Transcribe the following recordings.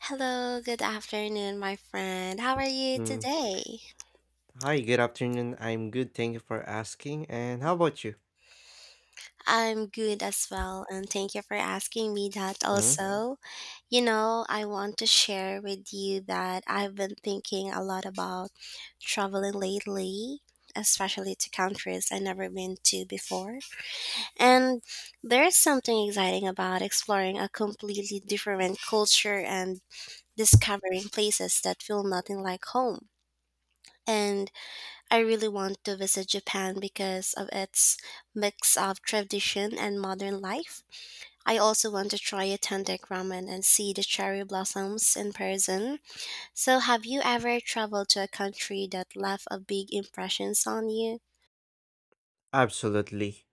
Hello, good afternoon, my friend. How are you Mm. today? Hi, good afternoon. I'm good. Thank you for asking. And how about you? I'm good as well, and thank you for asking me that Mm. also. I want to share with you that I've been thinking a lot about traveling lately, especially to countries I've never been to before. And There's something exciting about exploring a completely different culture and discovering places that feel nothing like home. And I really want to visit Japan because of its mix of tradition and modern life. I also want to try authentic ramen and see the cherry blossoms in person. So, have you ever traveled to a country that left a big impressions on you? Absolutely.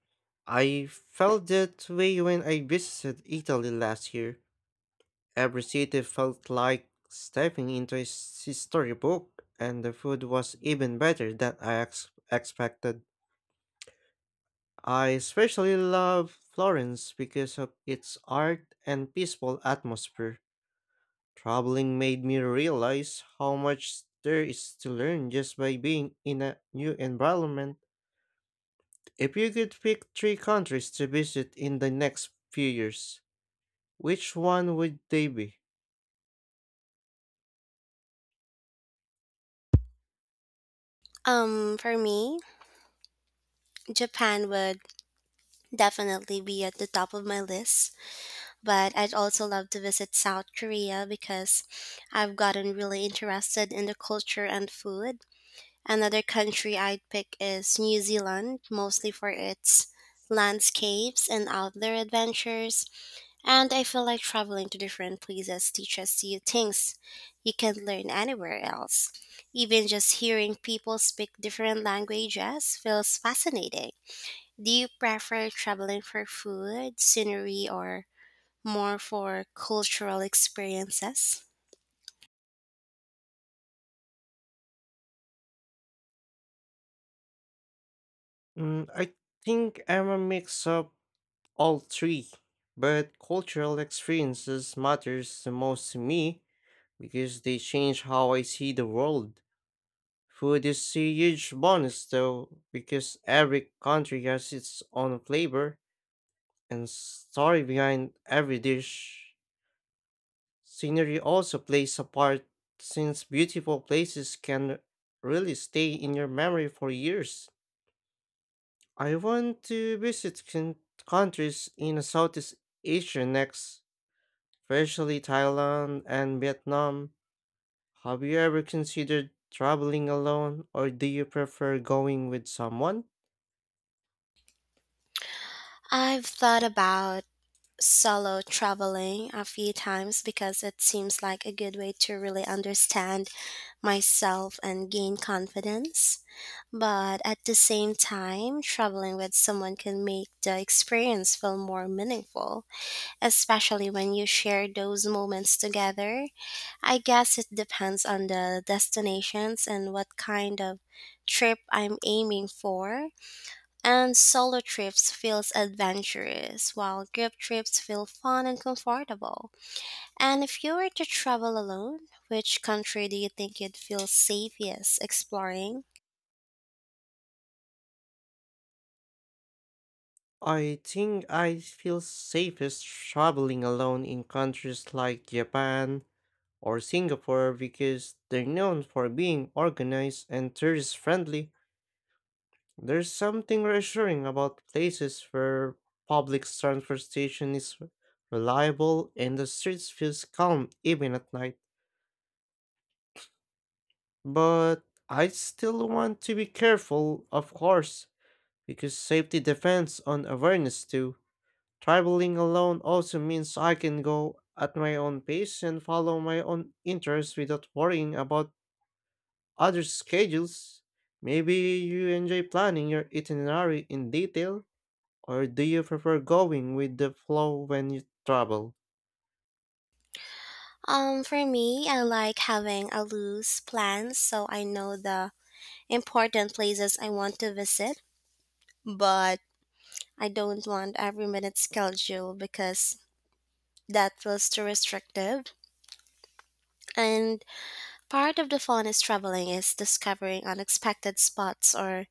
I felt that way when I visited Italy last year. Every city felt like stepping into a storybook, and the food was even better than I expected. I especially love Florence because of its art and peaceful atmosphere. Traveling made me realize how much there is to learn just by being in a new environment. If you could pick three countries to visit in the next few years, which one would they be? For me, Japan would definitely be at the top of my list, but I'd also love to visit South Korea because I've gotten really interested in the culture and food. Another country I'd pick is New Zealand, mostly for its landscapes and outdoor adventures. And I feel like traveling to different places teaches you things you can learn anywhere else. Even just hearing people speak different languages feels fascinating. Do you prefer traveling for food, scenery, or more for cultural experiences? I think I'm a mix of all three, but cultural experiences matters the most to me because they change how I see the world. Food is a huge bonus though, because every country has its own flavor and story behind every dish. Scenery also plays a part since beautiful places can really stay in your memory for years. I want to visit countries in Southeast Asia next, especially Thailand and Vietnam. Have you ever considered traveling alone or do you prefer going with someone? I've thought about solo traveling a few times because it seems like a good way to really understand myself and gain confidence. But at the same time, traveling with someone can make the experience feel more meaningful, especially when you share those moments together. I guess it depends on the destinations and what kind of trip I'm aiming for. And solo trips feels adventurous, while group trips feel fun and comfortable. And if you were to travel alone, which country do you think you'd feel safest exploring? I think I feel safest traveling alone in countries like Japan, or Singapore because they're known for being organized and tourist friendly. There's something reassuring about places where public transportation is reliable and the streets feels calm even at night. But I still want to be careful, of course, because safety depends on awareness too. Traveling alone also means I can go at my own pace and follow my own interests without worrying about other schedules. Maybe you enjoy planning your itinerary in detail, or do you prefer going with the flow when you travel? For me, I like having a loose plan so I know the important places I want to visit, but I don't want every minute schedule because that feels too restrictive. And Part of the fun is traveling is discovering unexpected spots or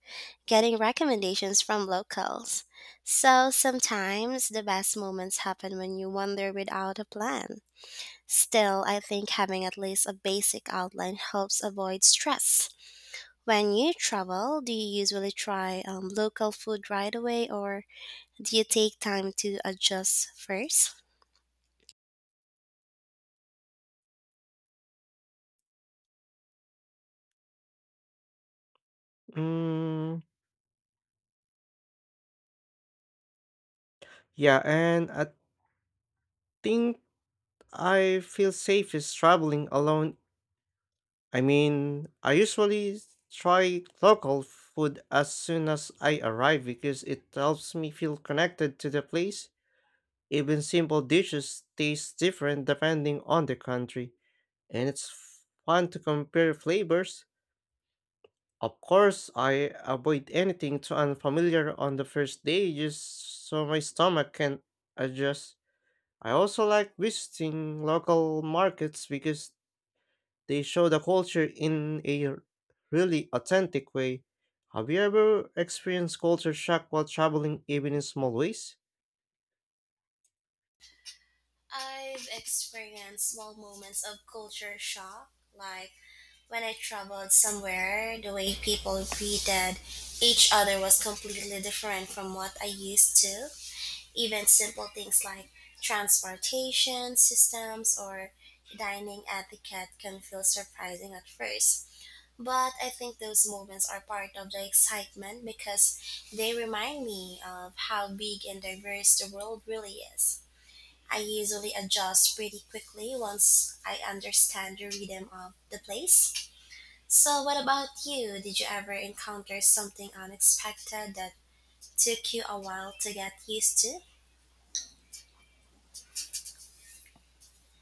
getting recommendations from locals. So sometimes the best moments happen when you wander without a plan. Still, I think having at least a basic outline helps avoid stress. When you travel, do you usually try local food right away or do you take time to adjust first? Mm, yeah, and I think I feel safest traveling alone. I mean, I usually try local food as soon as I arrive because it helps me feel connected to the place. Even simple dishes taste different depending on the country, and it's fun to compare flavors. Of course, I avoid anything too unfamiliar on the first day just so my stomach can adjust. I also like visiting local markets because they show the culture in a really authentic way. Have you ever experienced culture shock while traveling even in small ways? I've experienced small moments of culture shock, like when I traveled somewhere, the way people greeted each other was completely different from what I used to. Even simple things like transportation systems or dining etiquette can feel surprising at first. But I think those moments are part of the excitement because they remind me of how big and diverse the world really is. I usually adjust pretty quickly once I understand the rhythm of the place. So, what about you? Did you ever encounter something unexpected that took you a while to get used to?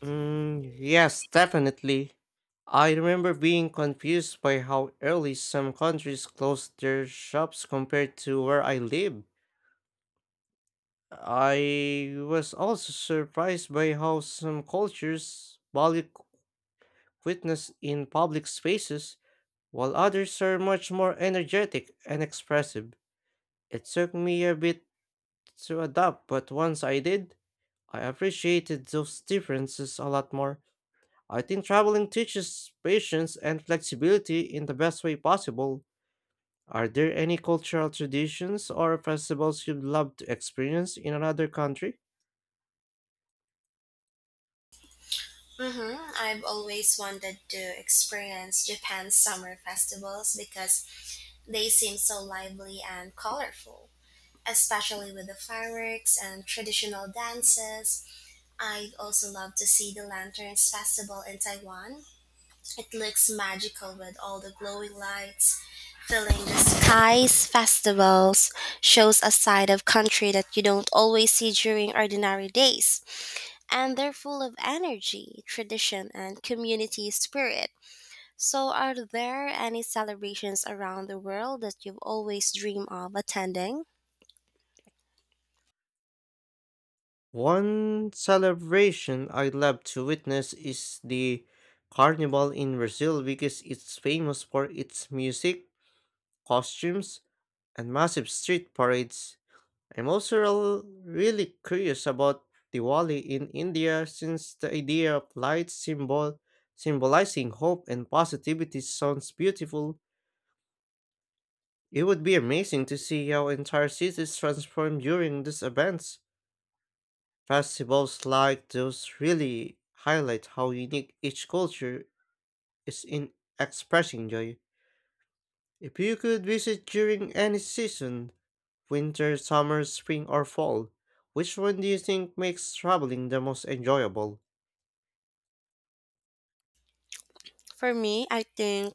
Yes, definitely. I remember being confused by how early some countries closed their shops compared to where I live. I was also surprised by how some cultures value quickness in public spaces, while others are much more energetic and expressive. It took me a bit to adapt, but once I did, I appreciated those differences a lot more. I think traveling teaches patience and flexibility in the best way possible. Are there any cultural traditions or festivals you'd love to experience in another country? Mm-hmm. I've always wanted to experience Japan's summer festivals because they seem so lively and colorful, especially with the fireworks and traditional dances. I also love to see the Lanterns Festival in Taiwan. It looks magical with all the glowing lights filling the skies. Festivals shows a side of country that you don't always see during ordinary days, and they're full of energy, tradition, and community spirit. So, are there any celebrations around the world that you've always dreamed of attending? One celebration I'd love to witness is the carnival in Brazil because it's famous for its music, costumes, and massive street parades. I'm also really curious about Diwali in India since the idea of light symbol symbolizing hope and positivity sounds beautiful. It would be amazing to see how entire cities transform during these events. Festivals like those really highlight how unique each culture is in expressing joy. If you could visit during any season, winter, summer, spring, or fall, which one do you think makes traveling the most enjoyable? For me, I think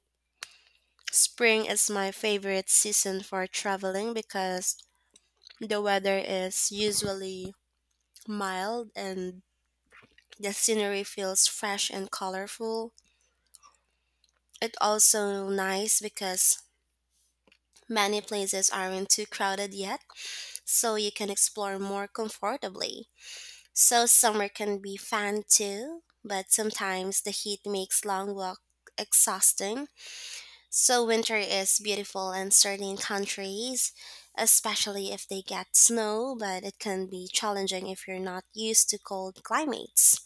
spring is my favorite season for traveling because the weather is usually mild and the scenery feels fresh and colorful. It also nice because many places aren't too crowded yet, so you can explore more comfortably. So summer can be fun too, but sometimes the heat makes long walk exhausting. So winter is beautiful in certain countries, especially if they get snow, but it can be challenging if you're not used to cold climates.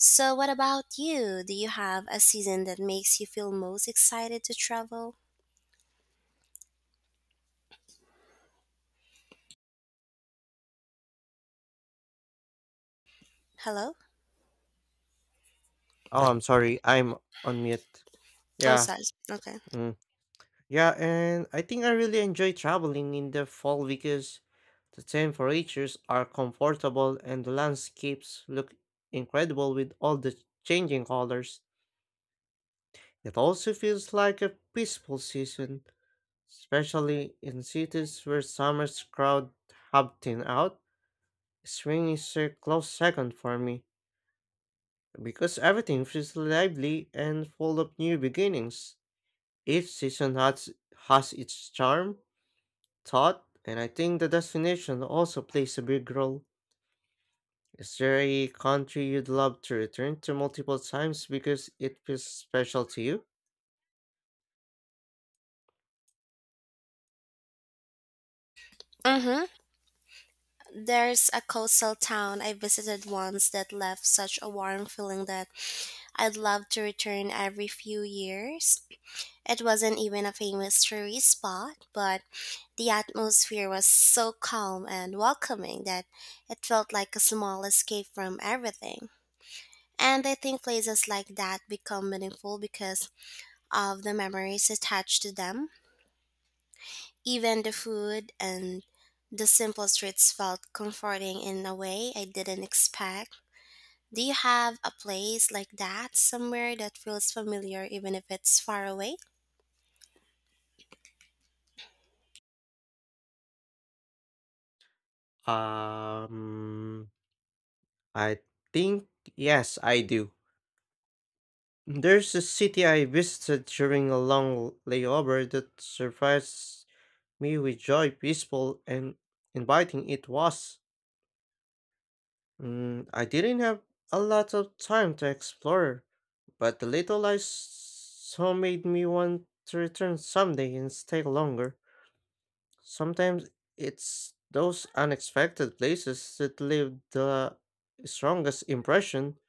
So, what about you? Do you have a season that makes you feel most excited to travel? Hello? Oh, I'm sorry, I'm on mute. On Yeah, size. Okay. mm, yeah, and I think I really enjoy traveling in the fall because the temperatures are comfortable and the landscapes look incredible with all the changing colors. It also feels like a peaceful season especially in cities where summer's crowd have thinned out. Spring is a close second for me because everything feels lively and full of new beginnings. Each has its charm, thought, and I think the destination also plays a big role. Is there a country you'd love to return to multiple times because it feels special to you? Mm-hmm. There's a coastal town I visited once that left such a warm feeling that I'd love to return every few years. It wasn't even a famous tourist spot, but the atmosphere was so calm and welcoming that it felt like a small escape from everything. And I think places like that become meaningful because of the memories attached to them. Even the food and the simple streets felt comforting in a way I didn't expect. Do you have a place like that somewhere that feels familiar even if it's far away? Um, I think yes, I do. There's a city I visited during a long layover that surprised me with joy, peaceful, and inviting it was. I didn't have a lot of time to explore, but the little I saw made me want to return someday and stay longer. Sometimes it's those unexpected places that leave the strongest impression.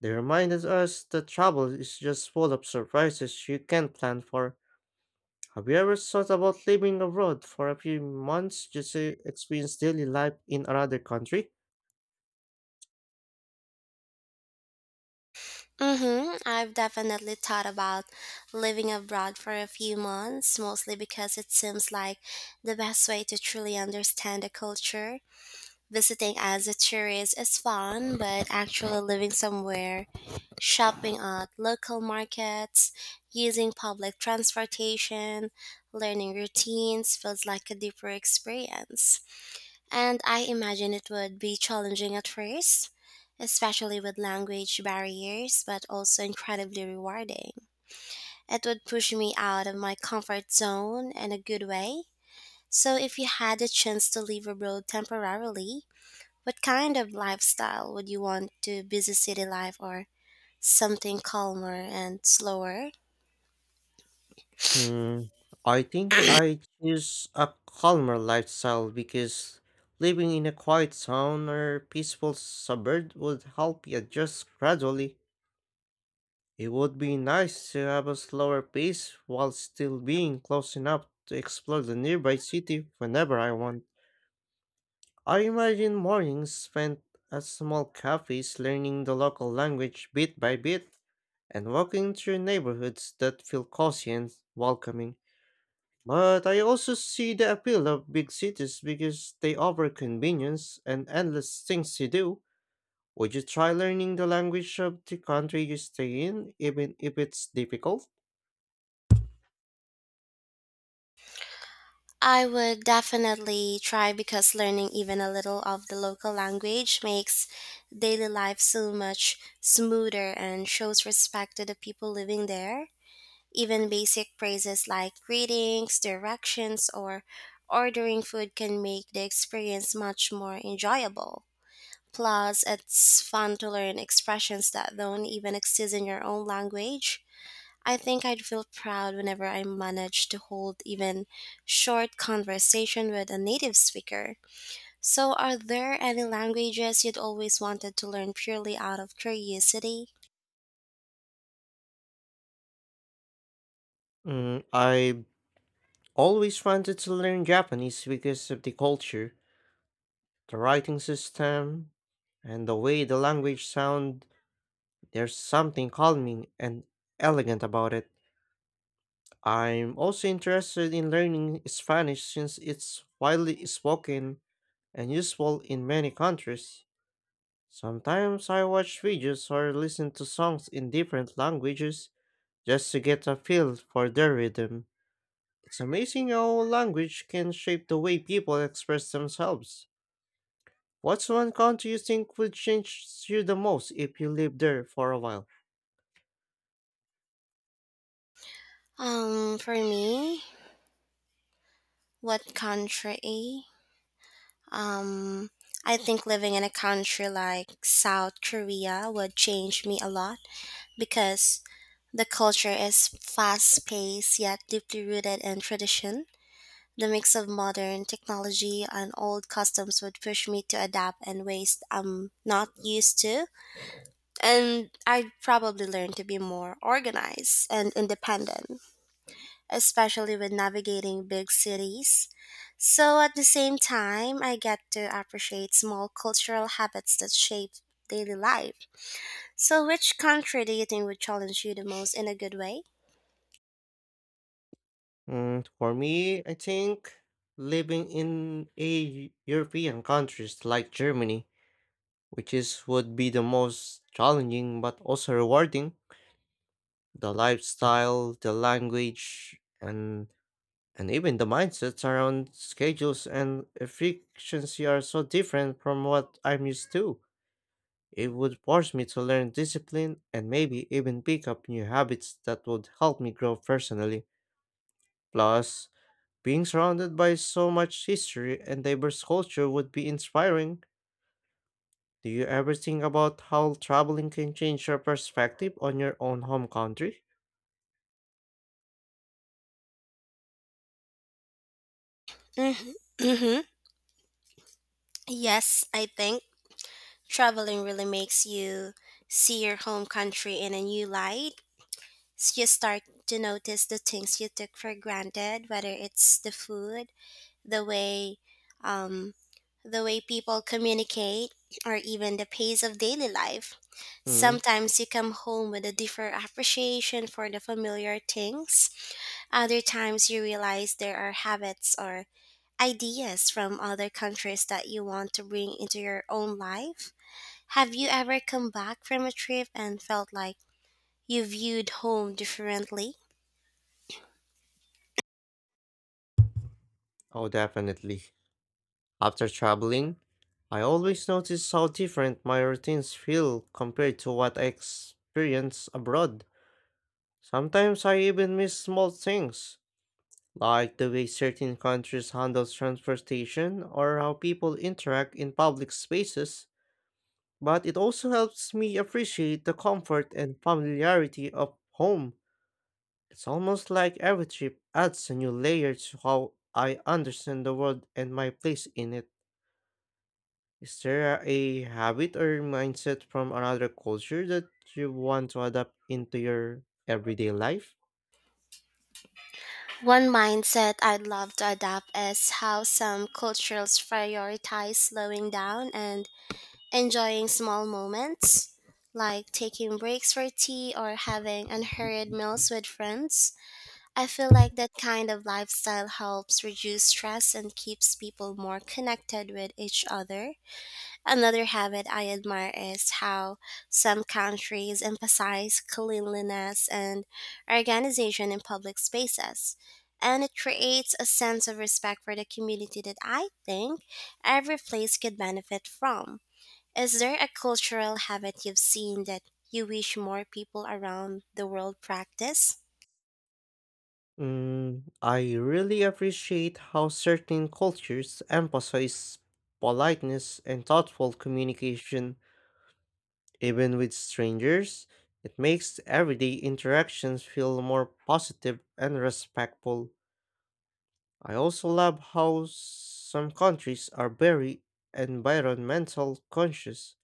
They reminded us that travel is just full of surprises you can't plan for. Have you ever thought about living abroad for a few months just to experience daily life in another country? Mhm. I've definitely thought about living abroad for a few months, mostly because it seems like the best way to truly understand a culture. Visiting as a tourist is fun, but actually living somewhere, shopping at local markets, using public transportation, learning routines feels like a deeper experience. And I imagine it would be challenging at first, especially with language barriers, but also incredibly rewarding. It would push me out of my comfort zone in a good way. So, if you had a chance to live abroad temporarily, what kind of lifestyle would you want to, busy city life or something calmer and slower. Hmm, I think I choose a calmer lifestyle because living in a quiet town or peaceful suburb would help you adjust gradually. It would be nice to have a slower pace while still being close enough to explore the nearby city whenever I want. I imagine mornings spent at small cafes learning the local language bit by bit and walking through neighborhoods that feel cozy and welcoming. But I also see the appeal of big cities because they offer convenience and endless things to do. Would you try learning the language of the country you stay in, even if it's difficult? I would definitely try because learning even a little of the local language makes daily life so much smoother and shows respect to the people living there. Even basic phrases like greetings, directions, or ordering food can make the experience much more enjoyable. Plus, it's fun to learn expressions that don't even exist in your own language. I think I'd feel proud whenever I managed to hold even short conversation with a native speaker. So are there any languages you'd always wanted to learn purely out of curiosity? I always wanted to learn Japanese because of the culture, the writing system, and the way the language sound. There's something calming and elegant about it. I'm also interested in learning Spanish since it's widely spoken and useful in many countries. Sometimes I watch videos or listen to songs in different languages just to get a feel for their rhythm. It's amazing how language can shape the way people express themselves. What's one country you think would change you the most if you lived there for a while? For me, what country? Um I think living in a country like South Korea would change me a lot because the culture is fast paced yet deeply rooted in tradition. The mix of modern technology and old customs would push me to adapt in ways I'm not used to, and I'd probably learn to be more organized and independent, especially with navigating big cities. So at the same time, I get to appreciate small cultural habits that shape daily life. So, which country do you think would challenge you the most in a good way? For me, I think living in a European countries like Germany, which is would be the most challenging but also rewarding. The lifestyle, the language, and even the mindsets around schedules and efficiency are so different from what I'm used to. It would force me to learn discipline and maybe even pick up new habits that would help me grow personally. Plus, being surrounded by so much history and diverse culture would be inspiring. Do you ever think about how traveling can change your perspective on your own home country? Mm-hmm. Mm-hmm. Yes, I think traveling really makes you see your home country in a new light. You start to notice the things you took for granted, whether it's the food, the way, um, the way people communicate, or even the pace of daily life. Hmm, Sometimes you come home with a different appreciation for the familiar things. Other times you realize there are habits or ideas from other countries that you want to bring into your own life. Have you ever come back from a trip and felt like you viewed home differently? oh, definitely. After traveling, I always notice how different my routines feel compared to what I experience abroad. Sometimes I even miss small things like the way certain countries handle transportation or how people interact in public spaces, but it also helps me appreciate the comfort and familiarity of home. It's almost like every trip adds a new layer to how I understand the world and my place in it. Is there a habit or mindset from another culture that you want to adapt into your everyday life? One mindset I'd love to adopt is how some cultures prioritize slowing down and enjoying small moments, like taking breaks for tea or having unhurried meals with friends. I feel like that kind of lifestyle helps reduce stress and keeps people more connected with each other. Another habit I admire is how some countries emphasize cleanliness and organization in public spaces. And it creates a sense of respect for the community that I think every place could benefit from. Is there a cultural habit you've seen that you wish more people around the world practice? I really appreciate how certain cultures emphasize politeness and thoughtful communication. Even with strangers, it makes everyday interactions feel more positive and respectful. I also love how some countries are very environmental conscious,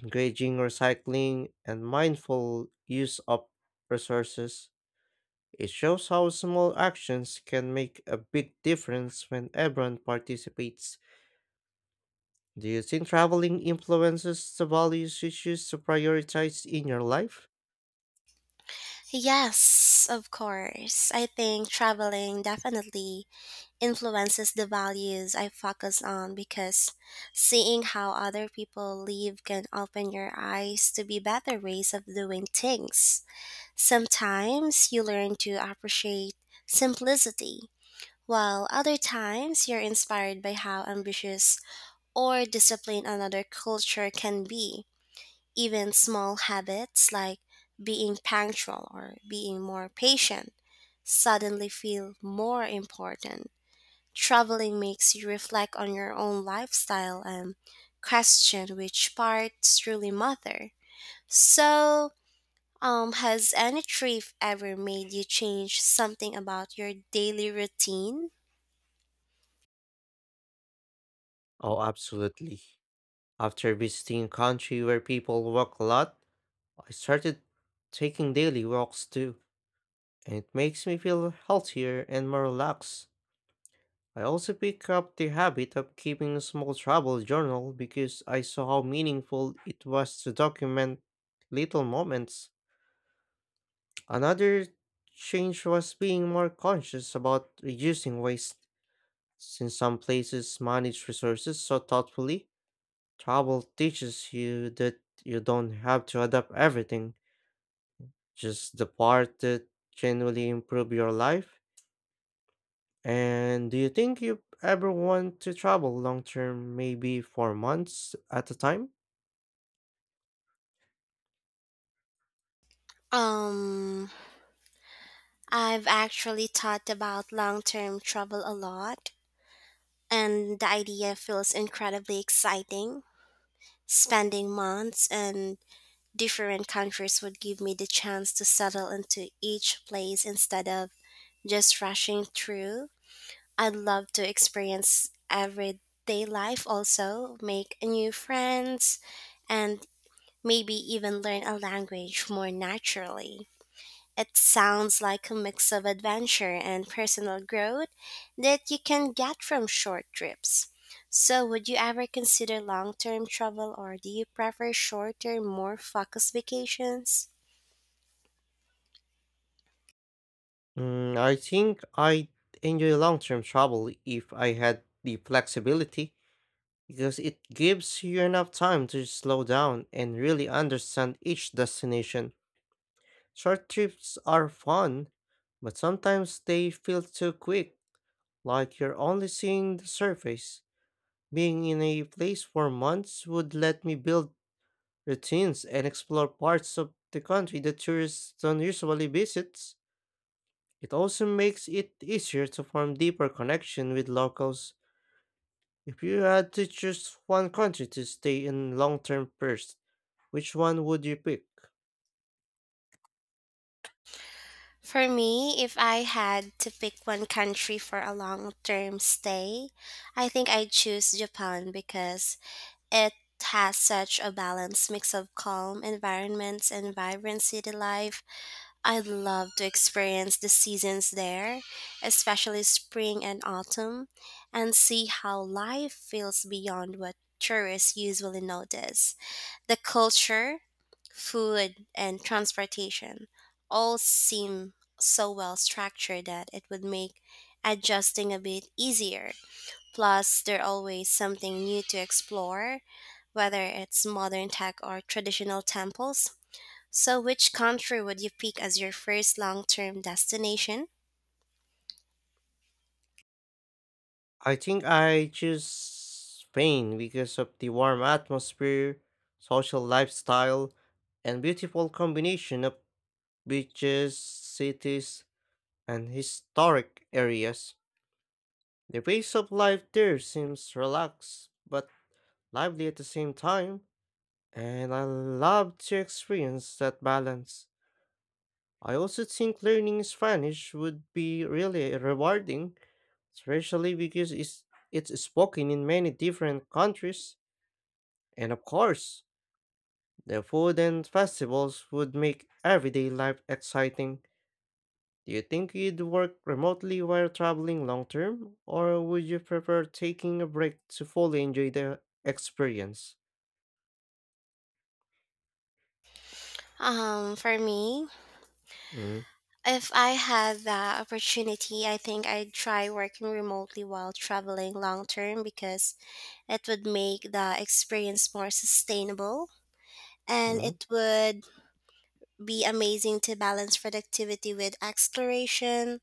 encouraging recycling and mindful use of resources. It shows how small actions can make a big difference when everyone participates. Do you think traveling influences the values you choose to prioritize in your life? Yes, of course. I think traveling definitely influences the values I focus on because seeing how other people live can open your eyes to be better ways of doing things. Sometimes you learn to appreciate simplicity, while other times you're inspired by how ambitious or disciplined another culture can be. Even small habits like being punctual or being more patient suddenly feel more important. Traveling makes you reflect on your own lifestyle and question which parts truly matter. So, has any trip ever made you change something about your daily routine? Oh, absolutely. After visiting a country where people walk a lot, I started taking daily walks too, and it makes me feel healthier and more relaxed. I also picked up the habit of keeping a small travel journal because I saw how meaningful it was to document little moments. Another change was being more conscious about reducing waste. Since some places manage resources so thoughtfully, travel teaches you that you don't have to adapt everything, just the part that genuinely improve your life. And do you think you ever want to travel long term, maybe for months at a time? Um, I've actually thought about long term travel a lot, and the idea feels incredibly exciting. Spending months and different countries would give me the chance to settle into each place instead of just rushing through. I'd love to experience everyday life also, make new friends, and maybe even learn a language more naturally. It sounds like a mix of adventure and personal growth that you can get from short trips. So, would you ever consider long term travel or do you prefer shorter, more focused vacations? I think I enjoy long term travel if I had the flexibility, because it gives you enough time to slow down and really understand each destination. Short trips are fun, but sometimes they feel too quick, like you're only seeing the surface. Being in a place for months would let me build routines and explore parts of the country that tourists don't usually visit. It also makes it easier to form deeper connection with locals. If you had to choose one country to stay in long term first, which one would you pick? For me, if I had to pick one country for a long term stay, I think I'd choose Japan because it has such a balanced mix of calm environments and vibrant city life. I'd love to experience the seasons there, especially spring and autumn, and see how life feels beyond what tourists usually notice. The culture, food, and transportation all seem so well structured that it would make adjusting a bit easier. Plus, there's always something new to explore, whether it's modern tech or traditional temples. So, which country would you pick as your first long term destination? I think I choose Spain because of the warm atmosphere, social lifestyle, and beautiful combination of beaches, cities, and historic areas. The pace of life there seems relaxed but lively at the same time, and I love to experience that balance. I also think learning Spanish would be really rewarding especially because it's spoken in many different countries. And of course, the food and festivals would make everyday life exciting. Do you think you'd work remotely while traveling long term, or would you prefer taking a break to fully enjoy the experience? For me, Mm-hmm. if I had that opportunity, I think I'd try working remotely while traveling long term because it would make the experience more sustainable and it would be amazing to balance productivity with exploration,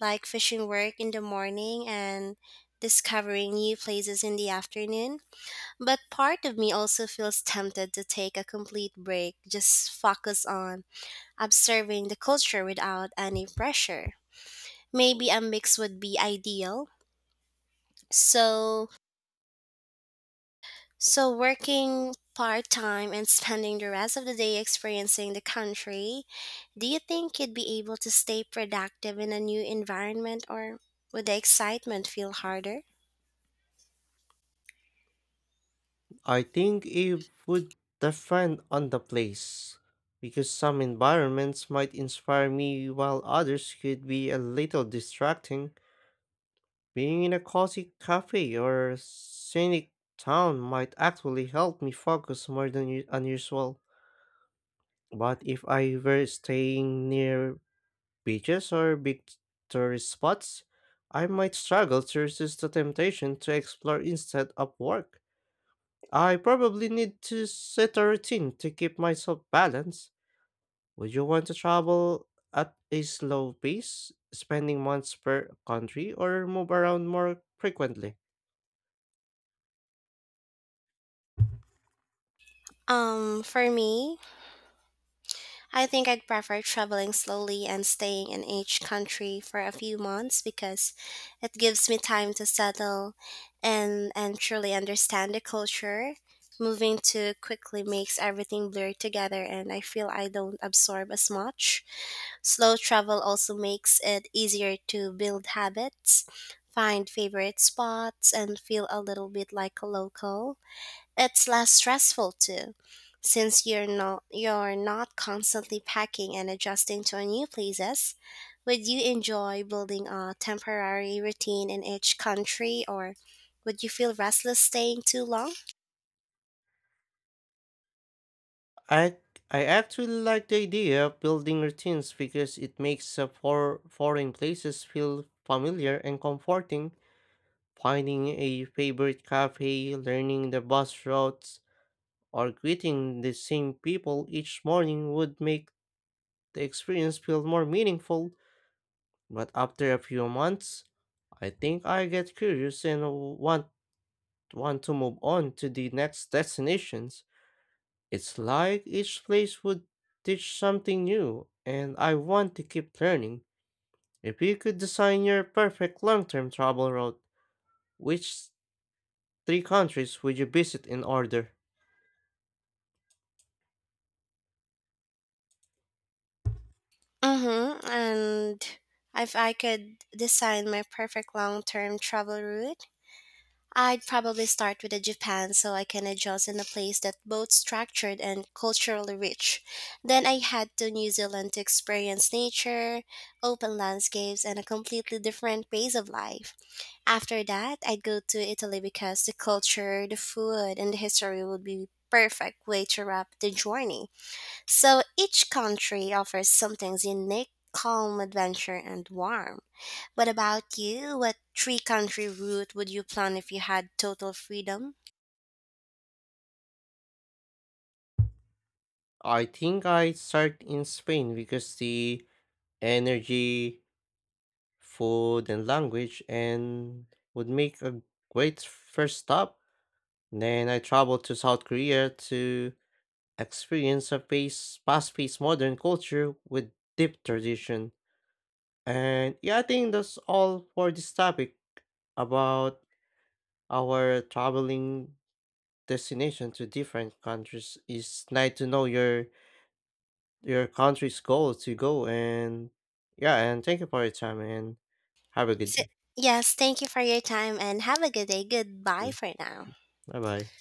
like fishing work in the morning and discovering new places in the afternoon. But part of me also feels tempted to take a complete break, just focus on observing the culture without any pressure. Maybe a mix would be ideal. So, so, working part-time and spending the rest of the day experiencing the country, do you think you'd be able to stay productive in a new environment or would the excitement feel harder? I think it would depend on the place, because some environments might inspire me while others could be a little distracting. Being in a cozy cafe or scenic town might actually help me focus more than unusual. But if I were staying near beaches or big tourist spots, I might struggle to resist the temptation to explore instead of work. I probably need to set a routine to keep myself balanced. Would you want to travel at a slow pace, spending months per country, or move around more frequently? For me, I think I'd prefer traveling slowly and staying in each country for a few months because it gives me time to settle and truly understand the culture. Moving too quickly makes everything blur together and I feel I don't absorb as much. Slow travel also makes it easier to build habits, find favorite spots, and feel a little bit like a local. It's less stressful too, since you're not constantly packing and adjusting to new places. Would you enjoy building a temporary routine in each country or would you feel restless staying too long? I I actually like the idea of building routines because it makes the foreign places feel familiar and comforting. Finding a favorite cafe, learning the bus routes, or greeting the same people each morning would make the experience feel more meaningful. But after a few months, I think I get curious and want to move on to the next destinations. It's like each place would teach something new, and I want to keep learning. If you could design your perfect long term travel route, which three countries would you visit in order? Mm-hmm. And if I could design my perfect long term travel route, I'd probably start with a Japan so I can adjust in a place that's both structured and culturally rich. Then I head to New Zealand to experience nature, open landscapes, and a completely different pace of life. After that, I'd go to Italy because the culture, the food, and the history would be perfect way to wrap the journey. So each country offers something unique, calm, adventure, and warm. What about you? What 3 country route would you plan if you had total freedom? I think I'd start in Spain because the energy, food, and language and would make a great first stop. Then I traveled to South Korea to experience a fast paced modern culture with deep tradition. And yeah, I think that's all for this topic about our traveling destination to different countries. It's nice to know your country's goal to go and yeah, and thank you for your time and have a good So, day. yes, thank you for your time and have a good day. Goodbye for now. Bye bye.